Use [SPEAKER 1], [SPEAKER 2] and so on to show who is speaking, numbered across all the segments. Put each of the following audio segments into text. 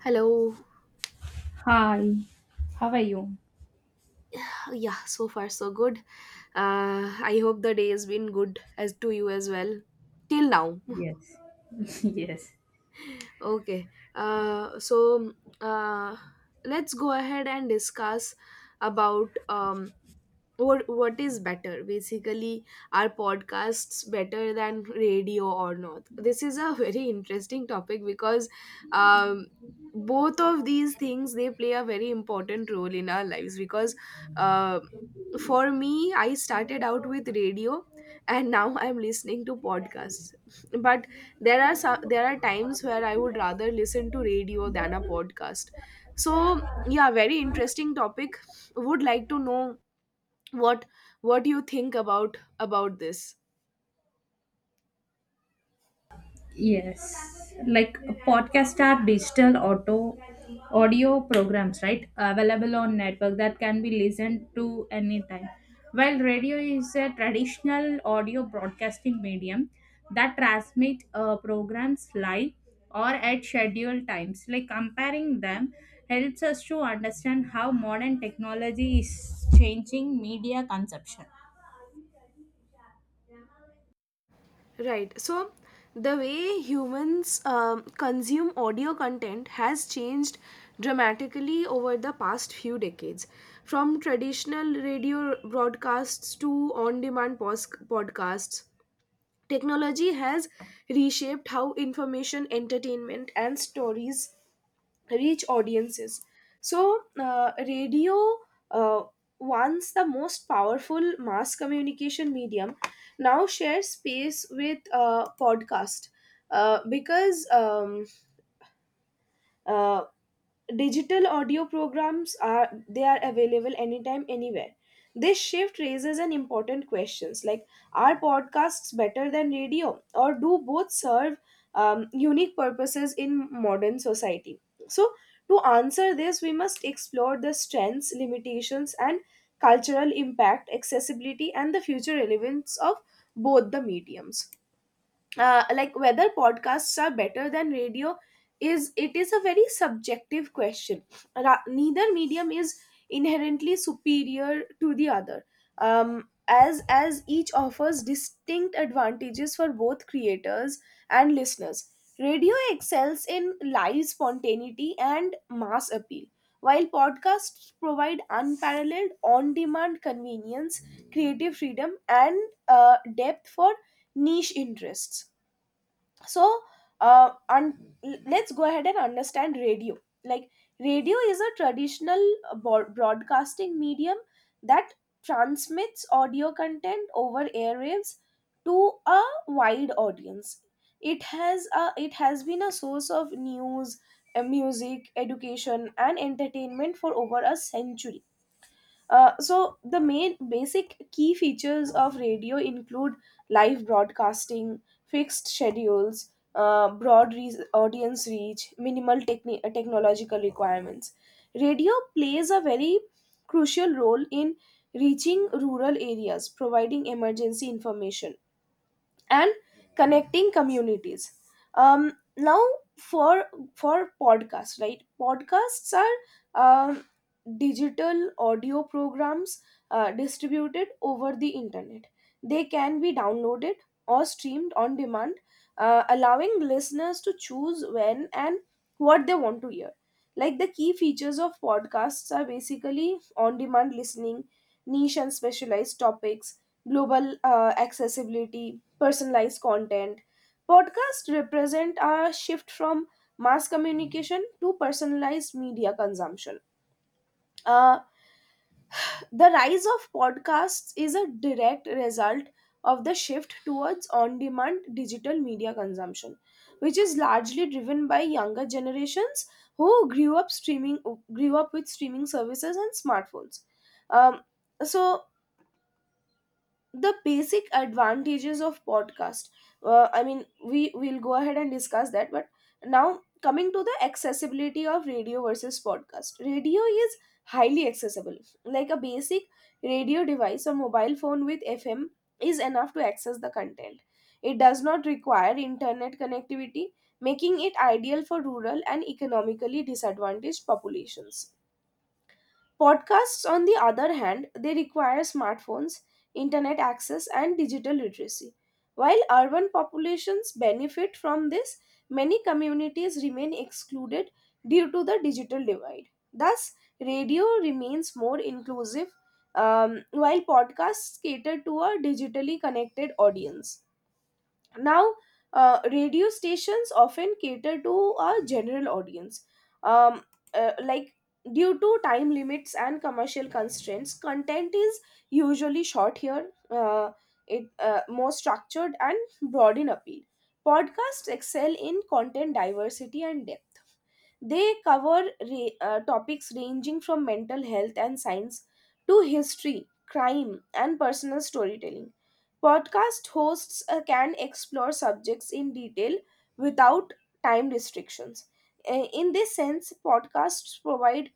[SPEAKER 1] Hello.
[SPEAKER 2] Hi, how are you?
[SPEAKER 1] Yeah, so far so good. I hope the day has been good as to you as well till now.
[SPEAKER 2] Yes. Yes.
[SPEAKER 1] Okay. Uh, let's go ahead and discuss about what is better. Basically, are podcasts better than radio or not? This is a very interesting topic, because um, both of these things, they play a very important role in our lives, because uh, for me, I started out with radio and now I'm listening to podcasts but there are there are times where I would rather listen to radio than a podcast. So yeah, very interesting topic. Would like to know what what you think about this.
[SPEAKER 2] Yes, like podcasts are digital auto audio programs, right? Available on network that can be listened to anytime. While radio is a traditional audio broadcasting medium that transmit programs live or at scheduled times. Like comparing them helps us to understand how modern technology is changing media consumption.
[SPEAKER 1] Right, so the way humans consume audio content has changed dramatically over the past few decades. From traditional radio broadcasts to on demand podcasts, technology has reshaped how information, entertainment and stories reach audiences. So, radio, uh, once the most powerful mass communication medium, now shares space with podcast, because uh, digital audio programs are, they are available anytime anywhere. This shift raises an important questions, like are podcasts better than radio, or do both serve unique purposes in modern society? So to answer this, we must explore the strengths, limitations and cultural impact, accessibility and the future relevance of both the mediums. Like whether podcasts are better than radio is, it is a very subjective question. Neither medium is inherently superior to the other, as each offers distinct advantages for both creators and listeners. Radio excels in live spontaneity and mass appeal, while podcasts provide unparalleled on-demand convenience, creative freedom and depth for niche interests. so uh, un- let's go ahead and understand radio. Like, radio is a traditional broadcasting medium that transmits audio content over airwaves to a wide audience. It has it has been a source of news, music, education and entertainment for over a century. So the main basic key features of radio include live broadcasting, fixed schedules, audience reach, minimal technological requirements. Radio plays a very crucial role in reaching rural areas, providing emergency information and connecting communities. Now, for for podcasts, right, podcasts are digital audio programs distributed over the internet. They can be downloaded or streamed on demand, allowing listeners to choose when and what they want to hear. Like, the key features of podcasts are basically on demand listening, niche and specialized topics, global accessibility, personalized content. Podcasts represent a shift from mass communication to personalized media consumption. Uh, the rise of podcasts is a direct result of the shift towards on demand digital media consumption, which is largely driven by younger generations who grew up with streaming services and smartphones. Um, so the basic advantages of podcast, I mean, we will go ahead and discuss that, but now coming to the accessibility of radio versus podcast, radio is highly accessible. Like, a basic radio device or mobile phone with fm is enough to access the content. It does not require internet connectivity, making it ideal for rural and economically disadvantaged populations. Podcasts, on the other hand, they require smartphones, internet access, and digital literacy. While urban populations benefit from this, many communities remain excluded due to the digital divide. Thus, radio remains more inclusive, while podcasts cater to a digitally connected audience. Now, radio stations often cater to a general audience. um, like, due to time limits and commercial constraints, content is usually short here. It more structured and broad in appeal. Podcasts excel in content diversity and depth. They cover topics ranging from mental health and science to history, crime, and personal storytelling. Podcast hosts can explore subjects in detail without time restrictions. In this sense, podcasts provide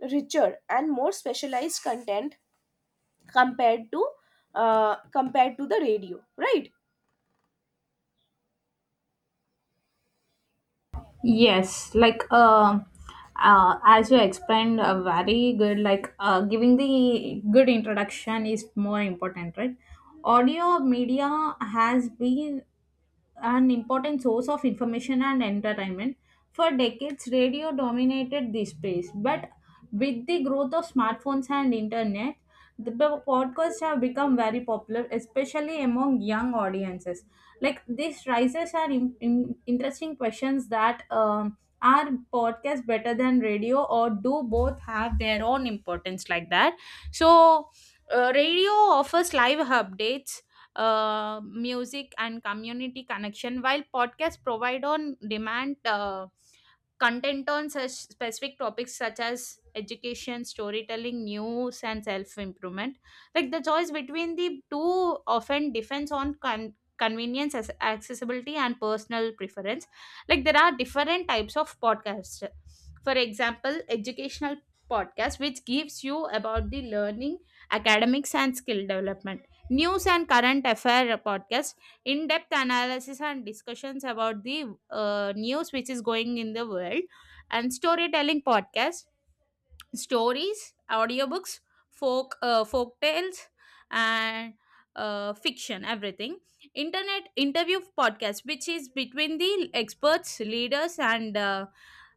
[SPEAKER 1] richer and more specialized content compared to compared to the radio, right?
[SPEAKER 2] Yes, like as you explained, very good. Like giving the good introduction is more important, right? Audio media has been an important source of information and entertainment. For decades, radio dominated this space, but with the growth of smartphones and internet, the p- podcasts have become very popular, especially among young audiences. Like these rises are interesting questions that, are podcasts better than radio, or do both have their own importance like that? So, radio offers live updates, music and community connection, while podcasts provide on demand content on such specific topics such as education, storytelling, news and self improvement. Like the choice between the two often depends on convenience as accessibility and personal preference. Like there are different types of podcasts. For example, educational podcast, which gives you about the learning, academics and skill development; news and current affair podcast, in-depth analysis and discussions about the news which is going in the world; and storytelling podcast, stories, audiobooks, folk tales, and fiction. Everything. Internet interview podcast, which is between the experts, leaders, and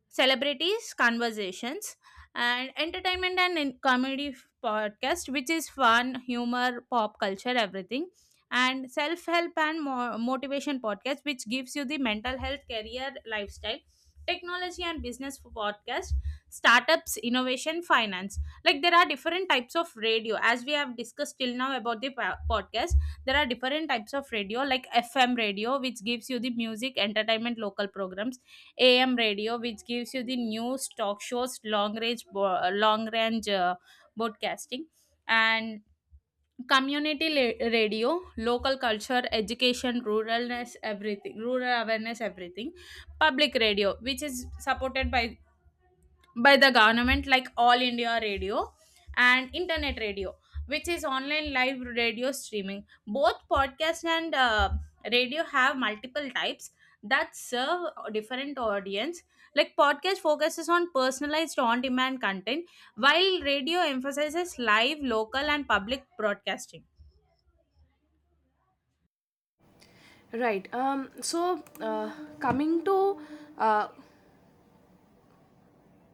[SPEAKER 2] celebrities conversations; and entertainment and comedy podcast, which is fun, humor, pop culture, everything; and self help and motivation podcast, which gives you the mental health, career, lifestyle; technology and business podcast, startups, innovation, finance. Like there are different types of radio. As we have discussed till now about the podcast, there are different types of radio like FM radio, which gives you the music, entertainment, local programs; AM radio, which gives you the news, talk shows, long range long range broadcasting; and community radio, local culture, education, ruralness, everything, rural awareness, everything; public radio, which is supported by the government, like All India Radio; and internet radio, which is online live radio streaming. Both podcast and radio have multiple types that serve different audience. Like podcast focuses on personalized on demand content, while radio emphasizes live, local and public broadcasting.
[SPEAKER 1] Right. Coming to uh,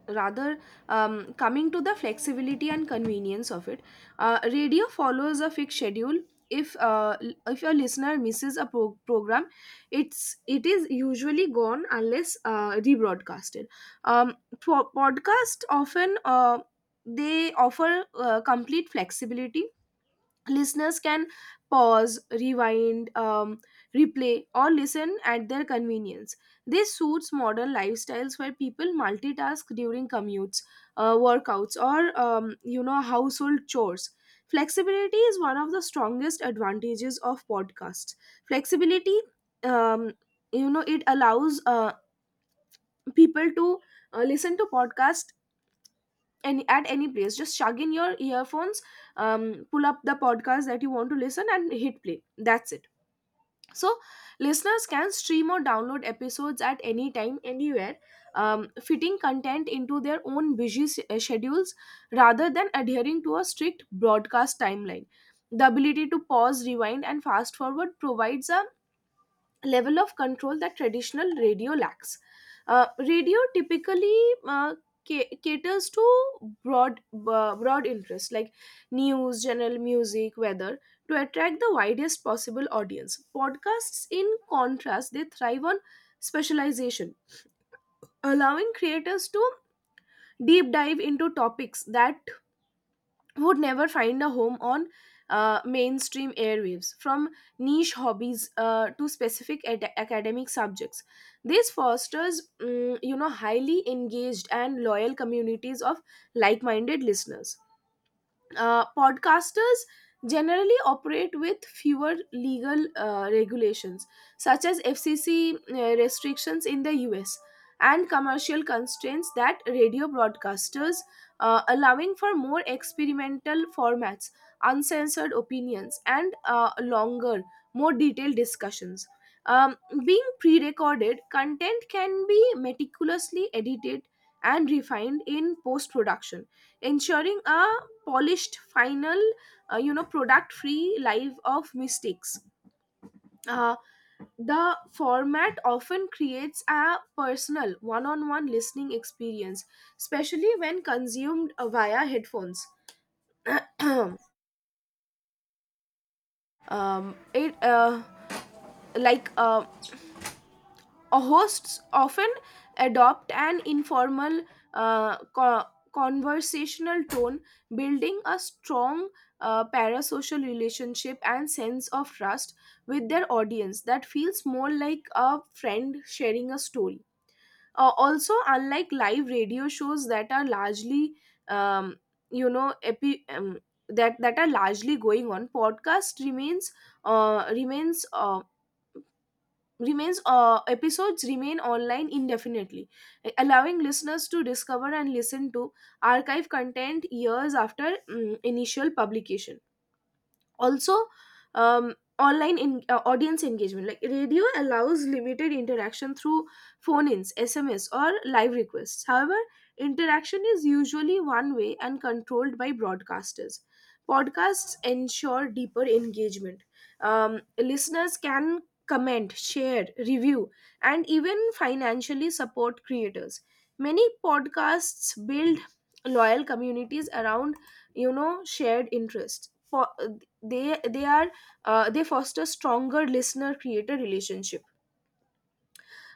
[SPEAKER 1] rather coming to the flexibility and convenience of it. Radio follows a fixed schedule. If a listener misses a program, it is usually gone unless rebroadcasted. um, podcast often they offer complete flexibility. Listeners can pause, rewind, replay or listen at their convenience. This suits modern lifestyles where people multitask during commutes, workouts or you know, household chores. Flexibility is one of the strongest advantages of podcasts. Flexibility, um, you know, it allows people to listen to podcasts any at any place. Just shove in your earphones, pull up the podcast that you want to listen and hit play, that's it. So listeners can stream or download episodes at any time anywhere, fitting content into their own schedules rather than adhering to a strict broadcast timeline. The ability to pause, rewind and fast forward provides a level of control that traditional radio lacks. Radio typically uh, caters to broad interests like news, general music, weather, to attract the widest possible audience. Podcasts, in contrast, they thrive on specialization, allowing creators to deep dive into topics that would never find a home on mainstream airwaves, from niche hobbies to specific academic subjects. This fosters, you know, highly engaged and loyal communities of like-minded listeners. Podcasters generally operate with fewer legal regulations, such as FCC restrictions in the US, and commercial constraints that radio broadcasters, allowing for more experimental formats, uncensored opinions, and longer, more detailed discussions. Um, being pre recorded, content can be meticulously edited and refined in post production, ensuring a polished final, you know, product free life of mistakes. uh, the format often creates a personal one-on-one listening experience, especially when consumed via headphones. It like hosts often adopt an informal uh, co- conversational tone, building a strong parasocial relationship and sense of trust with their audience that feels more like a friend sharing a story. Also, unlike live radio shows that are largely, um, you know, epi- um, that are largely going on, podcast remains remains. Remains episodes remain online indefinitely, allowing listeners to discover and listen to archive content years after, initial publication. Also, audience engagement, like, radio allows limited interaction through phone ins, sms or live requests. However, interaction is usually one way and controlled by broadcasters. Podcasts ensure deeper engagement. Listeners can comment, share, review and even financially support creators. Many podcasts build loyal communities around, you know, shared interests. They they are they foster stronger listener creator relationship.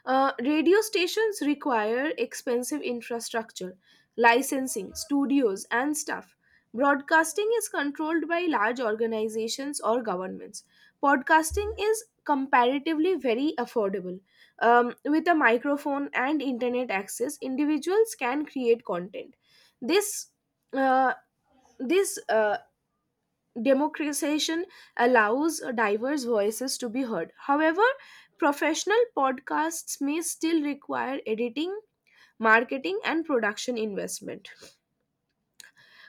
[SPEAKER 1] Radio stations require expensive infrastructure, licensing, studios and staff. Broadcasting is controlled by large organizations or governments. Podcasting is comparatively very affordable. With a microphone and internet access, individuals can create content. This uh, this democratization allows diverse voices to be heard. However, professional podcasts may still require editing, marketing, and production investment.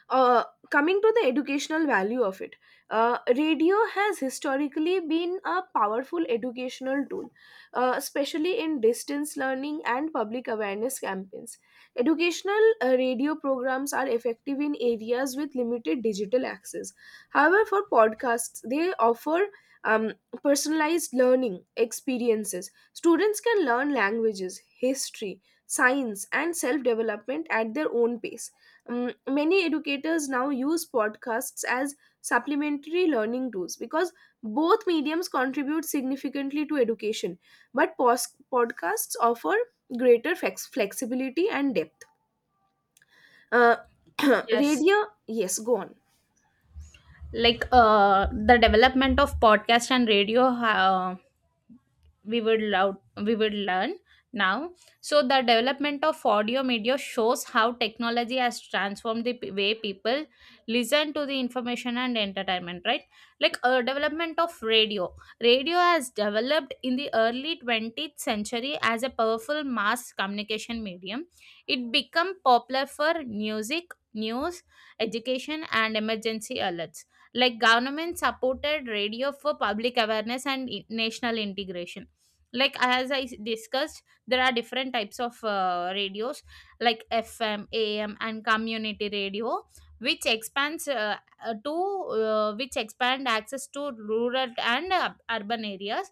[SPEAKER 1] uh, coming to the educational value of it, radio has historically been a powerful educational tool, especially in distance learning and public awareness campaigns. Educational radio programs are effective in areas with limited digital access. However, for podcasts, they offer um, personalized learning experiences. Students can learn languages, history, science, and self development at their own pace. Many educators now use podcasts as supplementary learning tools, because both mediums contribute significantly to education, but podcasts offer greater flexibility and depth. Uh,
[SPEAKER 2] Yes,
[SPEAKER 1] radio, yes, go on.
[SPEAKER 2] like the development of podcast and radio, we would love, we would learn now. So the development of audio media shows how technology has transformed way people listen to the information and entertainment, right? Like a development of radio. Radio has developed in the early 20th century as a powerful mass communication medium. It became popular for music, news, education and emergency alerts, like government supported radio for public awareness and national integration. Like as discussed, there are different types of radios like FM, AM and community radio, which expands to which expand access to rural and urban areas.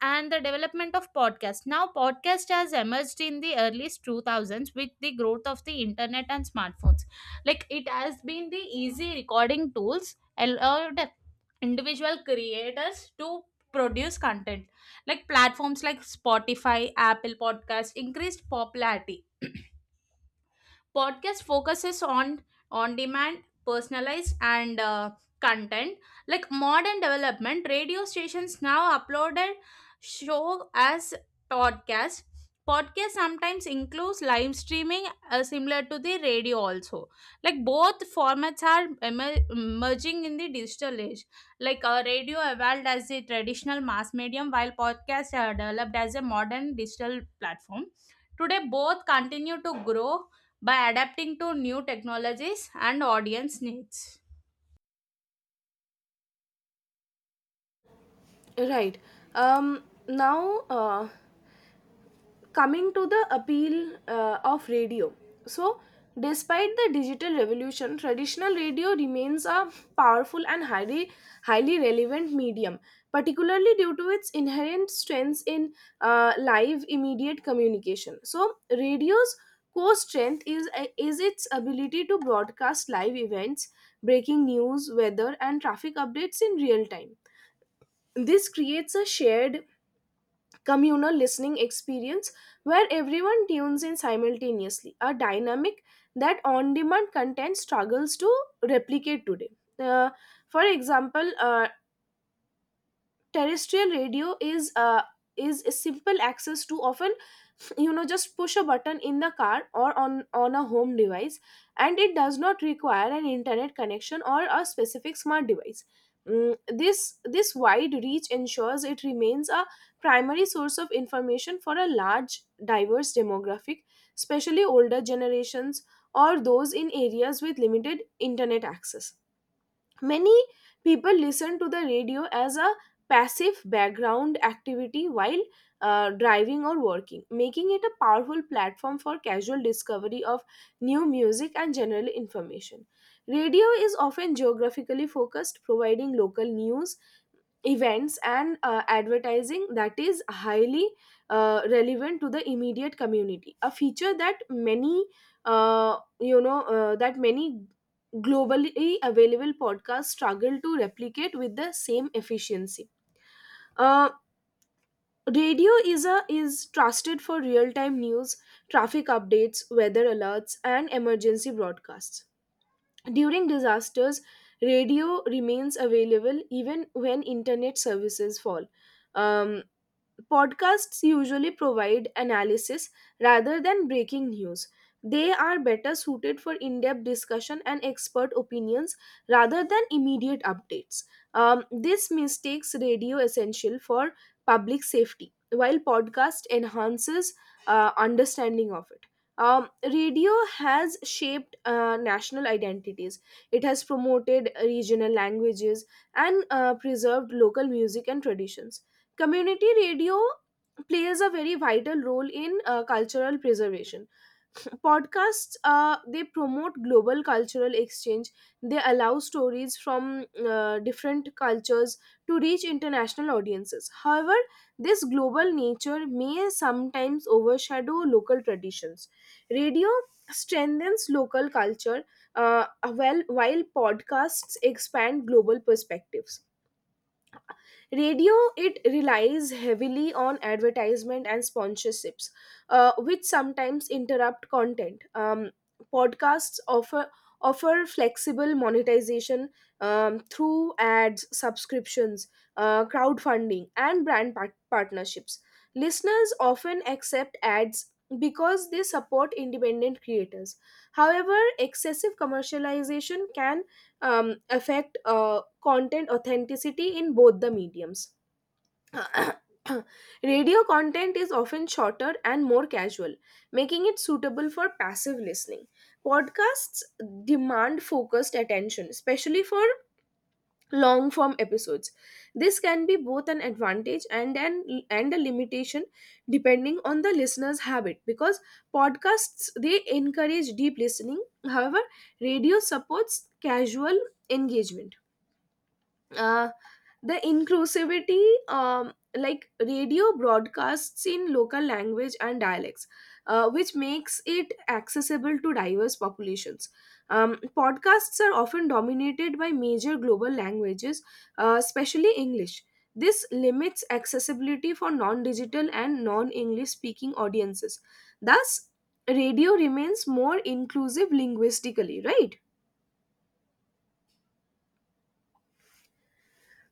[SPEAKER 2] And the development of podcast. Now podcast has emerged in the early 2000s with the growth of the internet and smartphones. Like it has been the easy recording tools allowed individual creators to produce content. Like platforms like Spotify, Apple Podcast increased popularity. Podcast focuses on demand, personalized and content. Like modern development, radio stations now uploaded show as podcast. Podcast sometimes includes live streaming, similar to the radio also. Like both formats are emerging in the digital age. Like radio evolved as a traditional mass medium, while podcasts are developed as a modern digital platform. Today both continue to grow by adapting to new technologies and audience needs.
[SPEAKER 1] Right. Um, now, uh, coming to the appeal of radio. So despite the digital revolution, traditional radio remains a powerful and highly relevant medium, particularly due to its inherent strengths in live immediate communication. So radio's core strength is its ability to broadcast live events, breaking news, weather and traffic updates in real time. This creates a shared communal listening experience where everyone tunes in simultaneously, a dynamic that on demand content struggles to replicate today. Uh, for example, terrestrial radio is a simple access to often, you know, just push a button in the car or on a home device, and it does not require an internet connection or a specific smart device. Mm, this this wide reach ensures it remains a primary source of information for a large diverse demographic, especially older generations or those in areas with limited internet access. Many people listen to the radio as a passive background activity while driving or working, making it a powerful platform for casual discovery of new music and general information. Radio is often geographically focused, providing local news, events and advertising that is highly relevant to the immediate community, a feature that many that many globally available podcasts struggle to replicate with the same efficiency. uh, Radio is trusted for real time news, traffic updates, weather alerts and emergency broadcasts. During disasters, radio remains available even when internet services fall. um, Podcasts usually provide analysis rather than breaking news. They are better suited for in depth discussion and expert opinions rather than immediate updates. This mistakes radio essential for public safety, while podcast enhances understanding of it. Radio has shaped national identities. It has promoted regional languages and preserved local music and traditions. Community radio plays a very vital role in cultural preservation. Podcasts they promote global cultural exchange. They allow stories from different cultures to reach international audiences. However, this global nature may sometimes overshadow local traditions. Radio strengthens local culture, uh, while podcasts expand global perspectives. Radio it relies heavily on advertisement and sponsorships, which sometimes interrupt content. Podcasts offer flexible monetization, through ads, subscriptions, crowdfunding and partnerships. Listeners often accept ads because they support independent creators. However, excessive commercialization can affect content authenticity in both the mediums. Radio content is often shorter and more casual, making it suitable for passive listening. Podcasts demand focused attention, especially for long form episodes. This can be both an advantage and an and a limitation depending on the listener's habit, because podcasts they encourage deep listening. However, radio supports casual engagement. uh, the inclusivity, like radio broadcasts in local language and dialects, which makes it accessible to diverse populations. Podcasts are often dominated by major global languages, especially english. This limits accessibility for non-digital and non-english speaking audiences. Thus radio remains more inclusive linguistically, right?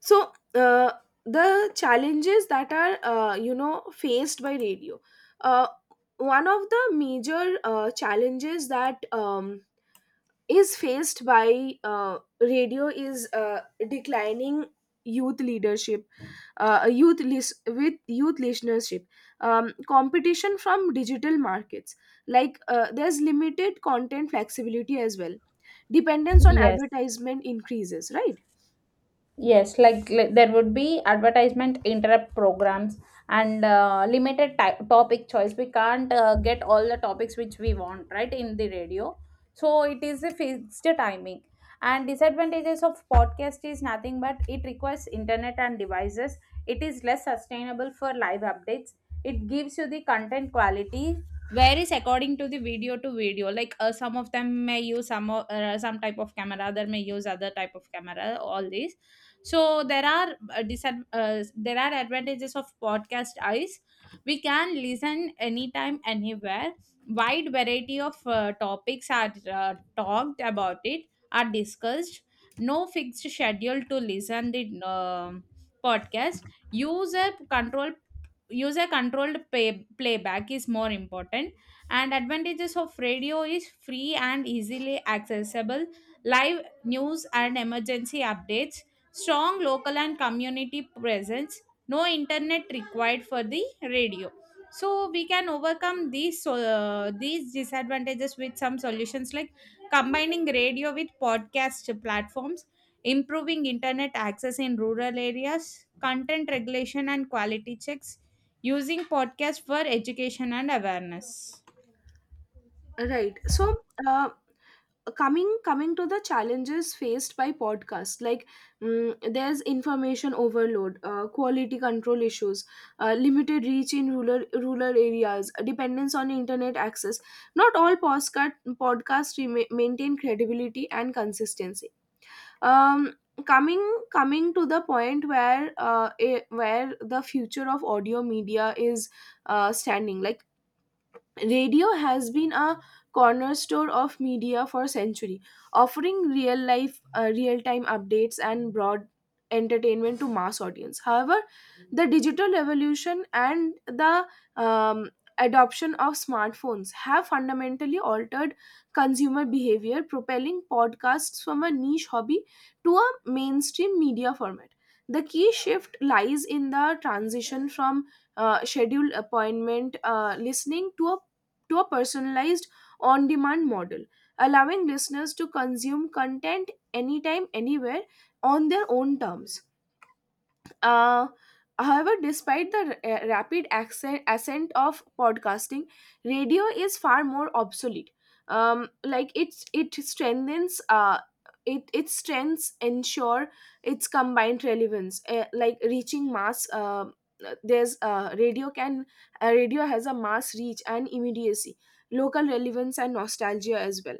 [SPEAKER 1] So, the challenges that are faced by radio, uh, one of the major challenges that is faced by radio is declining youth leadership, with youth listenership, competition from digital markets, like there's limited content flexibility as well, dependence on
[SPEAKER 2] Yes.
[SPEAKER 1] advertisement increases, right?
[SPEAKER 2] Yes, like there would be advertisement interrupt programs and limited topic choice. We can't get all the topics which we want, right, in the radio. So it is a fixed timing. And disadvantages of podcast is nothing but it requires internet and devices. It is less sustainable for live updates. It gives you the content quality varies according to the video to video. Like some of them may use some type of camera, other may use other type of camera, all these. So there are there are advantages of podcast eyes. We can listen anytime, anywhere. Wide variety of topics are talked about it, are discussed. No fixed schedule to listen the podcast. user control User controlled pay, playback is more important. And advantages of radio is free and easily accessible, live news and emergency updates, strong local and community presence, no internet required for the radio. So we can overcome these, so, these disadvantages with some solutions like combining radio with podcast platforms, improving internet access in rural areas, content regulation and quality checks, using podcasts for education and awareness.
[SPEAKER 1] Right. So, uh, coming to the challenges faced by podcast, like there's information overload, quality control issues, limited reach in rural areas, dependence on internet access. Not all podcasts maintain credibility and consistency. Um, coming coming to the point where where the future of audio media is standing, like radio has been a cornerstone of media for century, offering real time updates and broad entertainment to mass audience. However, the digital revolution and the um, adoption of smartphones have fundamentally altered consumer behavior, propelling podcasts from a niche hobby to a mainstream media format. The key shift lies in the transition from scheduled appointment listening to a personalized on demand model, allowing listeners to consume content anytime, anywhere on their own terms. Uh, However, despite the ascent of podcasting, radio is far more obsolete. Like it strengthens, it its strengths ensure its combined relevance, like reaching mass. There's radio can Radio has a mass reach and immediacy, local relevance and nostalgia as well.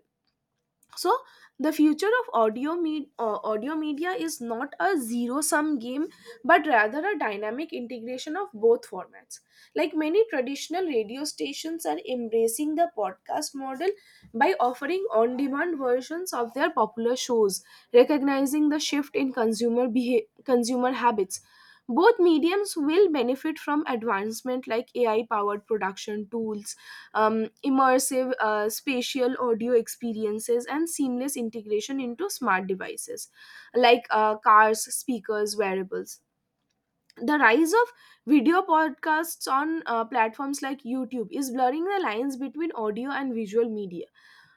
[SPEAKER 1] So the future of audio media is not a zero sum game, but rather a dynamic integration of both formats. Like many traditional radio stations are embracing the podcast model by offering on demand versions of their popular shows, recognizing the shift in consumer habits. Both mediums will benefit from advancement like ai powered production tools, immersive spatial audio experiences and seamless integration into smart devices, like cars, speakers, wearables. The rise of video podcasts on platforms like youtube is blurring the lines between audio and visual media,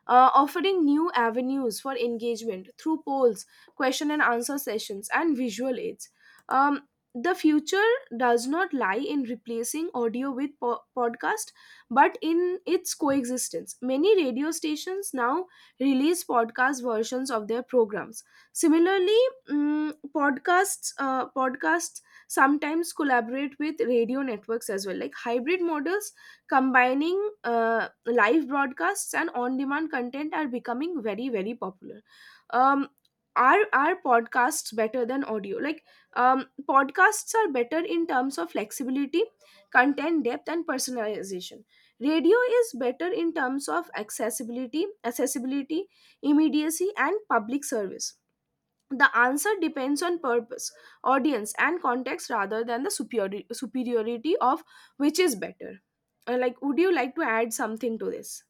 [SPEAKER 1] offering new avenues for engagement through polls, question and answer sessions, and visual aids. Um, the future does not lie in replacing audio with podcast, but in its coexistence. Many radio stations now release podcast versions of their programs. Similarly, podcasts sometimes collaborate with radio networks as well. Like hybrid models combining live broadcasts and on-demand content are becoming very popular. Um, are podcasts better than audio? Like podcasts are better in terms of flexibility, content depth, and personalization. Radio is better in terms of accessibility, immediacy, and public service. The answer depends on purpose, audience and context rather than the superiority of which is better. Like, would you like to add something to this?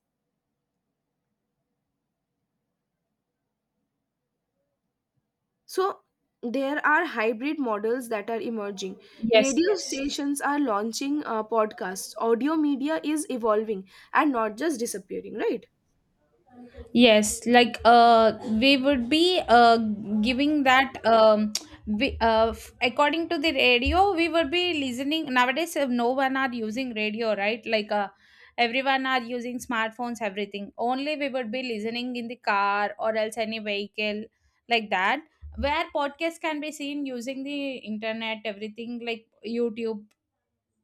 [SPEAKER 1] So there are hybrid models that are emerging,
[SPEAKER 2] Yes,
[SPEAKER 1] radio
[SPEAKER 2] yes.
[SPEAKER 1] stations are launching podcasts, audio media is evolving and not just disappearing, right?
[SPEAKER 2] Yes, like we would be, giving that, we, according to the radio, we would be listening. Nowadays, no one are using radio, right? Like everyone are using smartphones, everything. Only we would be listening in the car or else any vehicle like that, where podcast can be seen using the internet, everything like YouTube,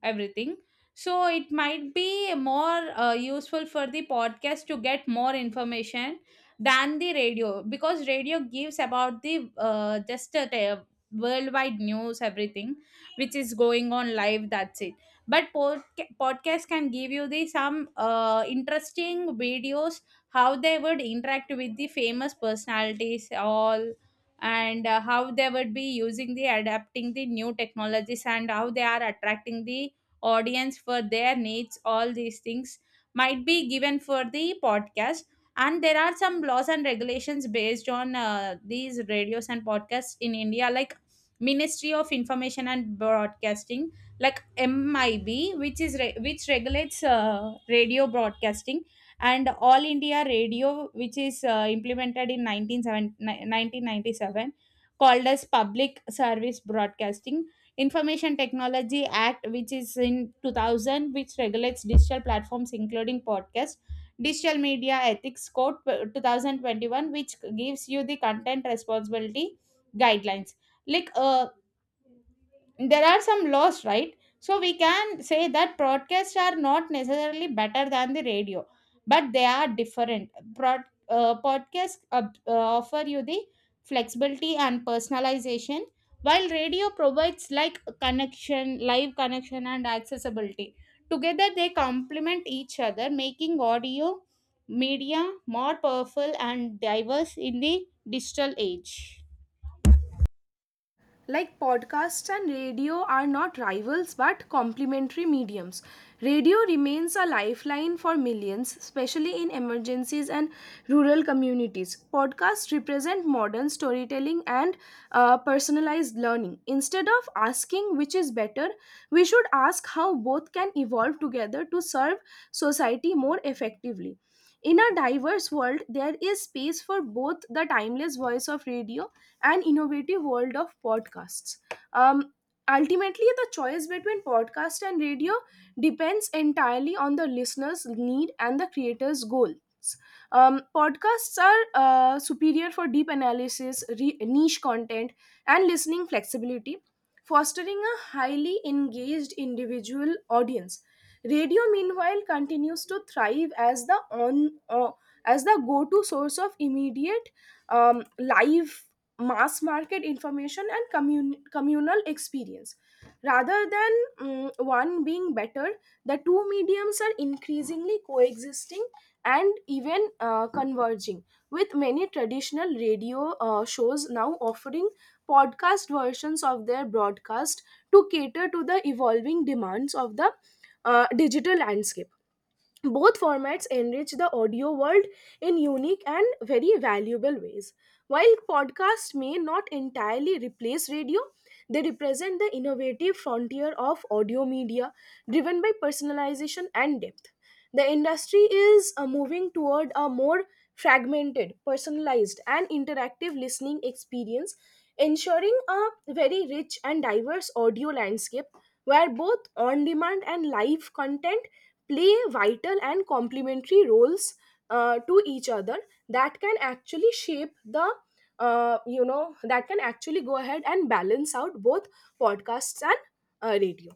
[SPEAKER 2] everything. So it might be more useful for the podcast to get more information than the radio, because radio gives about the, t- worldwide news, everything which is going on live, that's it. But podcast can give you the some interesting videos, how they would interact with the famous personalities all, and how they would be using the adapting the new technologies and how they are attracting the audience for their needs, all these things might be given for the podcast. And there are some laws and regulations based on these radios and podcasts in India, like Ministry of Information and Broadcasting, like MIB, which is which regulates radio broadcasting, and All India Radio, which is implemented in 1997, called as public service broadcasting. Information Technology Act, which is in 2000, which regulates digital platforms including podcasts. Digital Media Ethics Code 2021, which gives you the content responsibility guidelines. Like, there are some laws, right? So we can say that broadcasts are not necessarily better than the radio, but they are different. Broad, Podcasts offer you the flexibility and personalization, while radio provides like connection, live connection and accessibility. Together they complement each other, making audio media more powerful and diverse in the digital age.
[SPEAKER 1] Like podcasts and radio are not rivals but complementary mediums. Radio remains a lifeline for millions, especially in emergencies and rural communities. Podcasts represent modern storytelling and personalized learning. Instead of asking which is better, we should ask how both can evolve together to serve society more effectively. In a diverse world, there is space for both the timeless voice of radio and innovative world of podcasts. Um, Ultimately, the choice between podcast and radio depends entirely on the listener's need and the creator's goals. Podcasts are superior for deep analysis, niche content, and listening flexibility, fostering a highly engaged individual audience. Radio, meanwhile, continues to thrive as the on as the go-to source of immediate live mass market information and communal experience. Rather than one being better, the two mediums are increasingly coexisting and even converging, with many traditional radio shows now offering podcast versions of their broadcast to cater to the evolving demands of the digital landscape. Both formats enrich the audio world in unique and very valuable ways. While podcasts may not entirely replace radio, they represent the innovative frontier of audio media driven by personalization and depth. The industry is moving toward a more fragmented, personalized, and interactive listening experience, ensuring a very rich and diverse audio landscape where both on demand and live content play vital and complementary roles to each other that can actually shape the that can actually go ahead and balance out both podcasts and radio.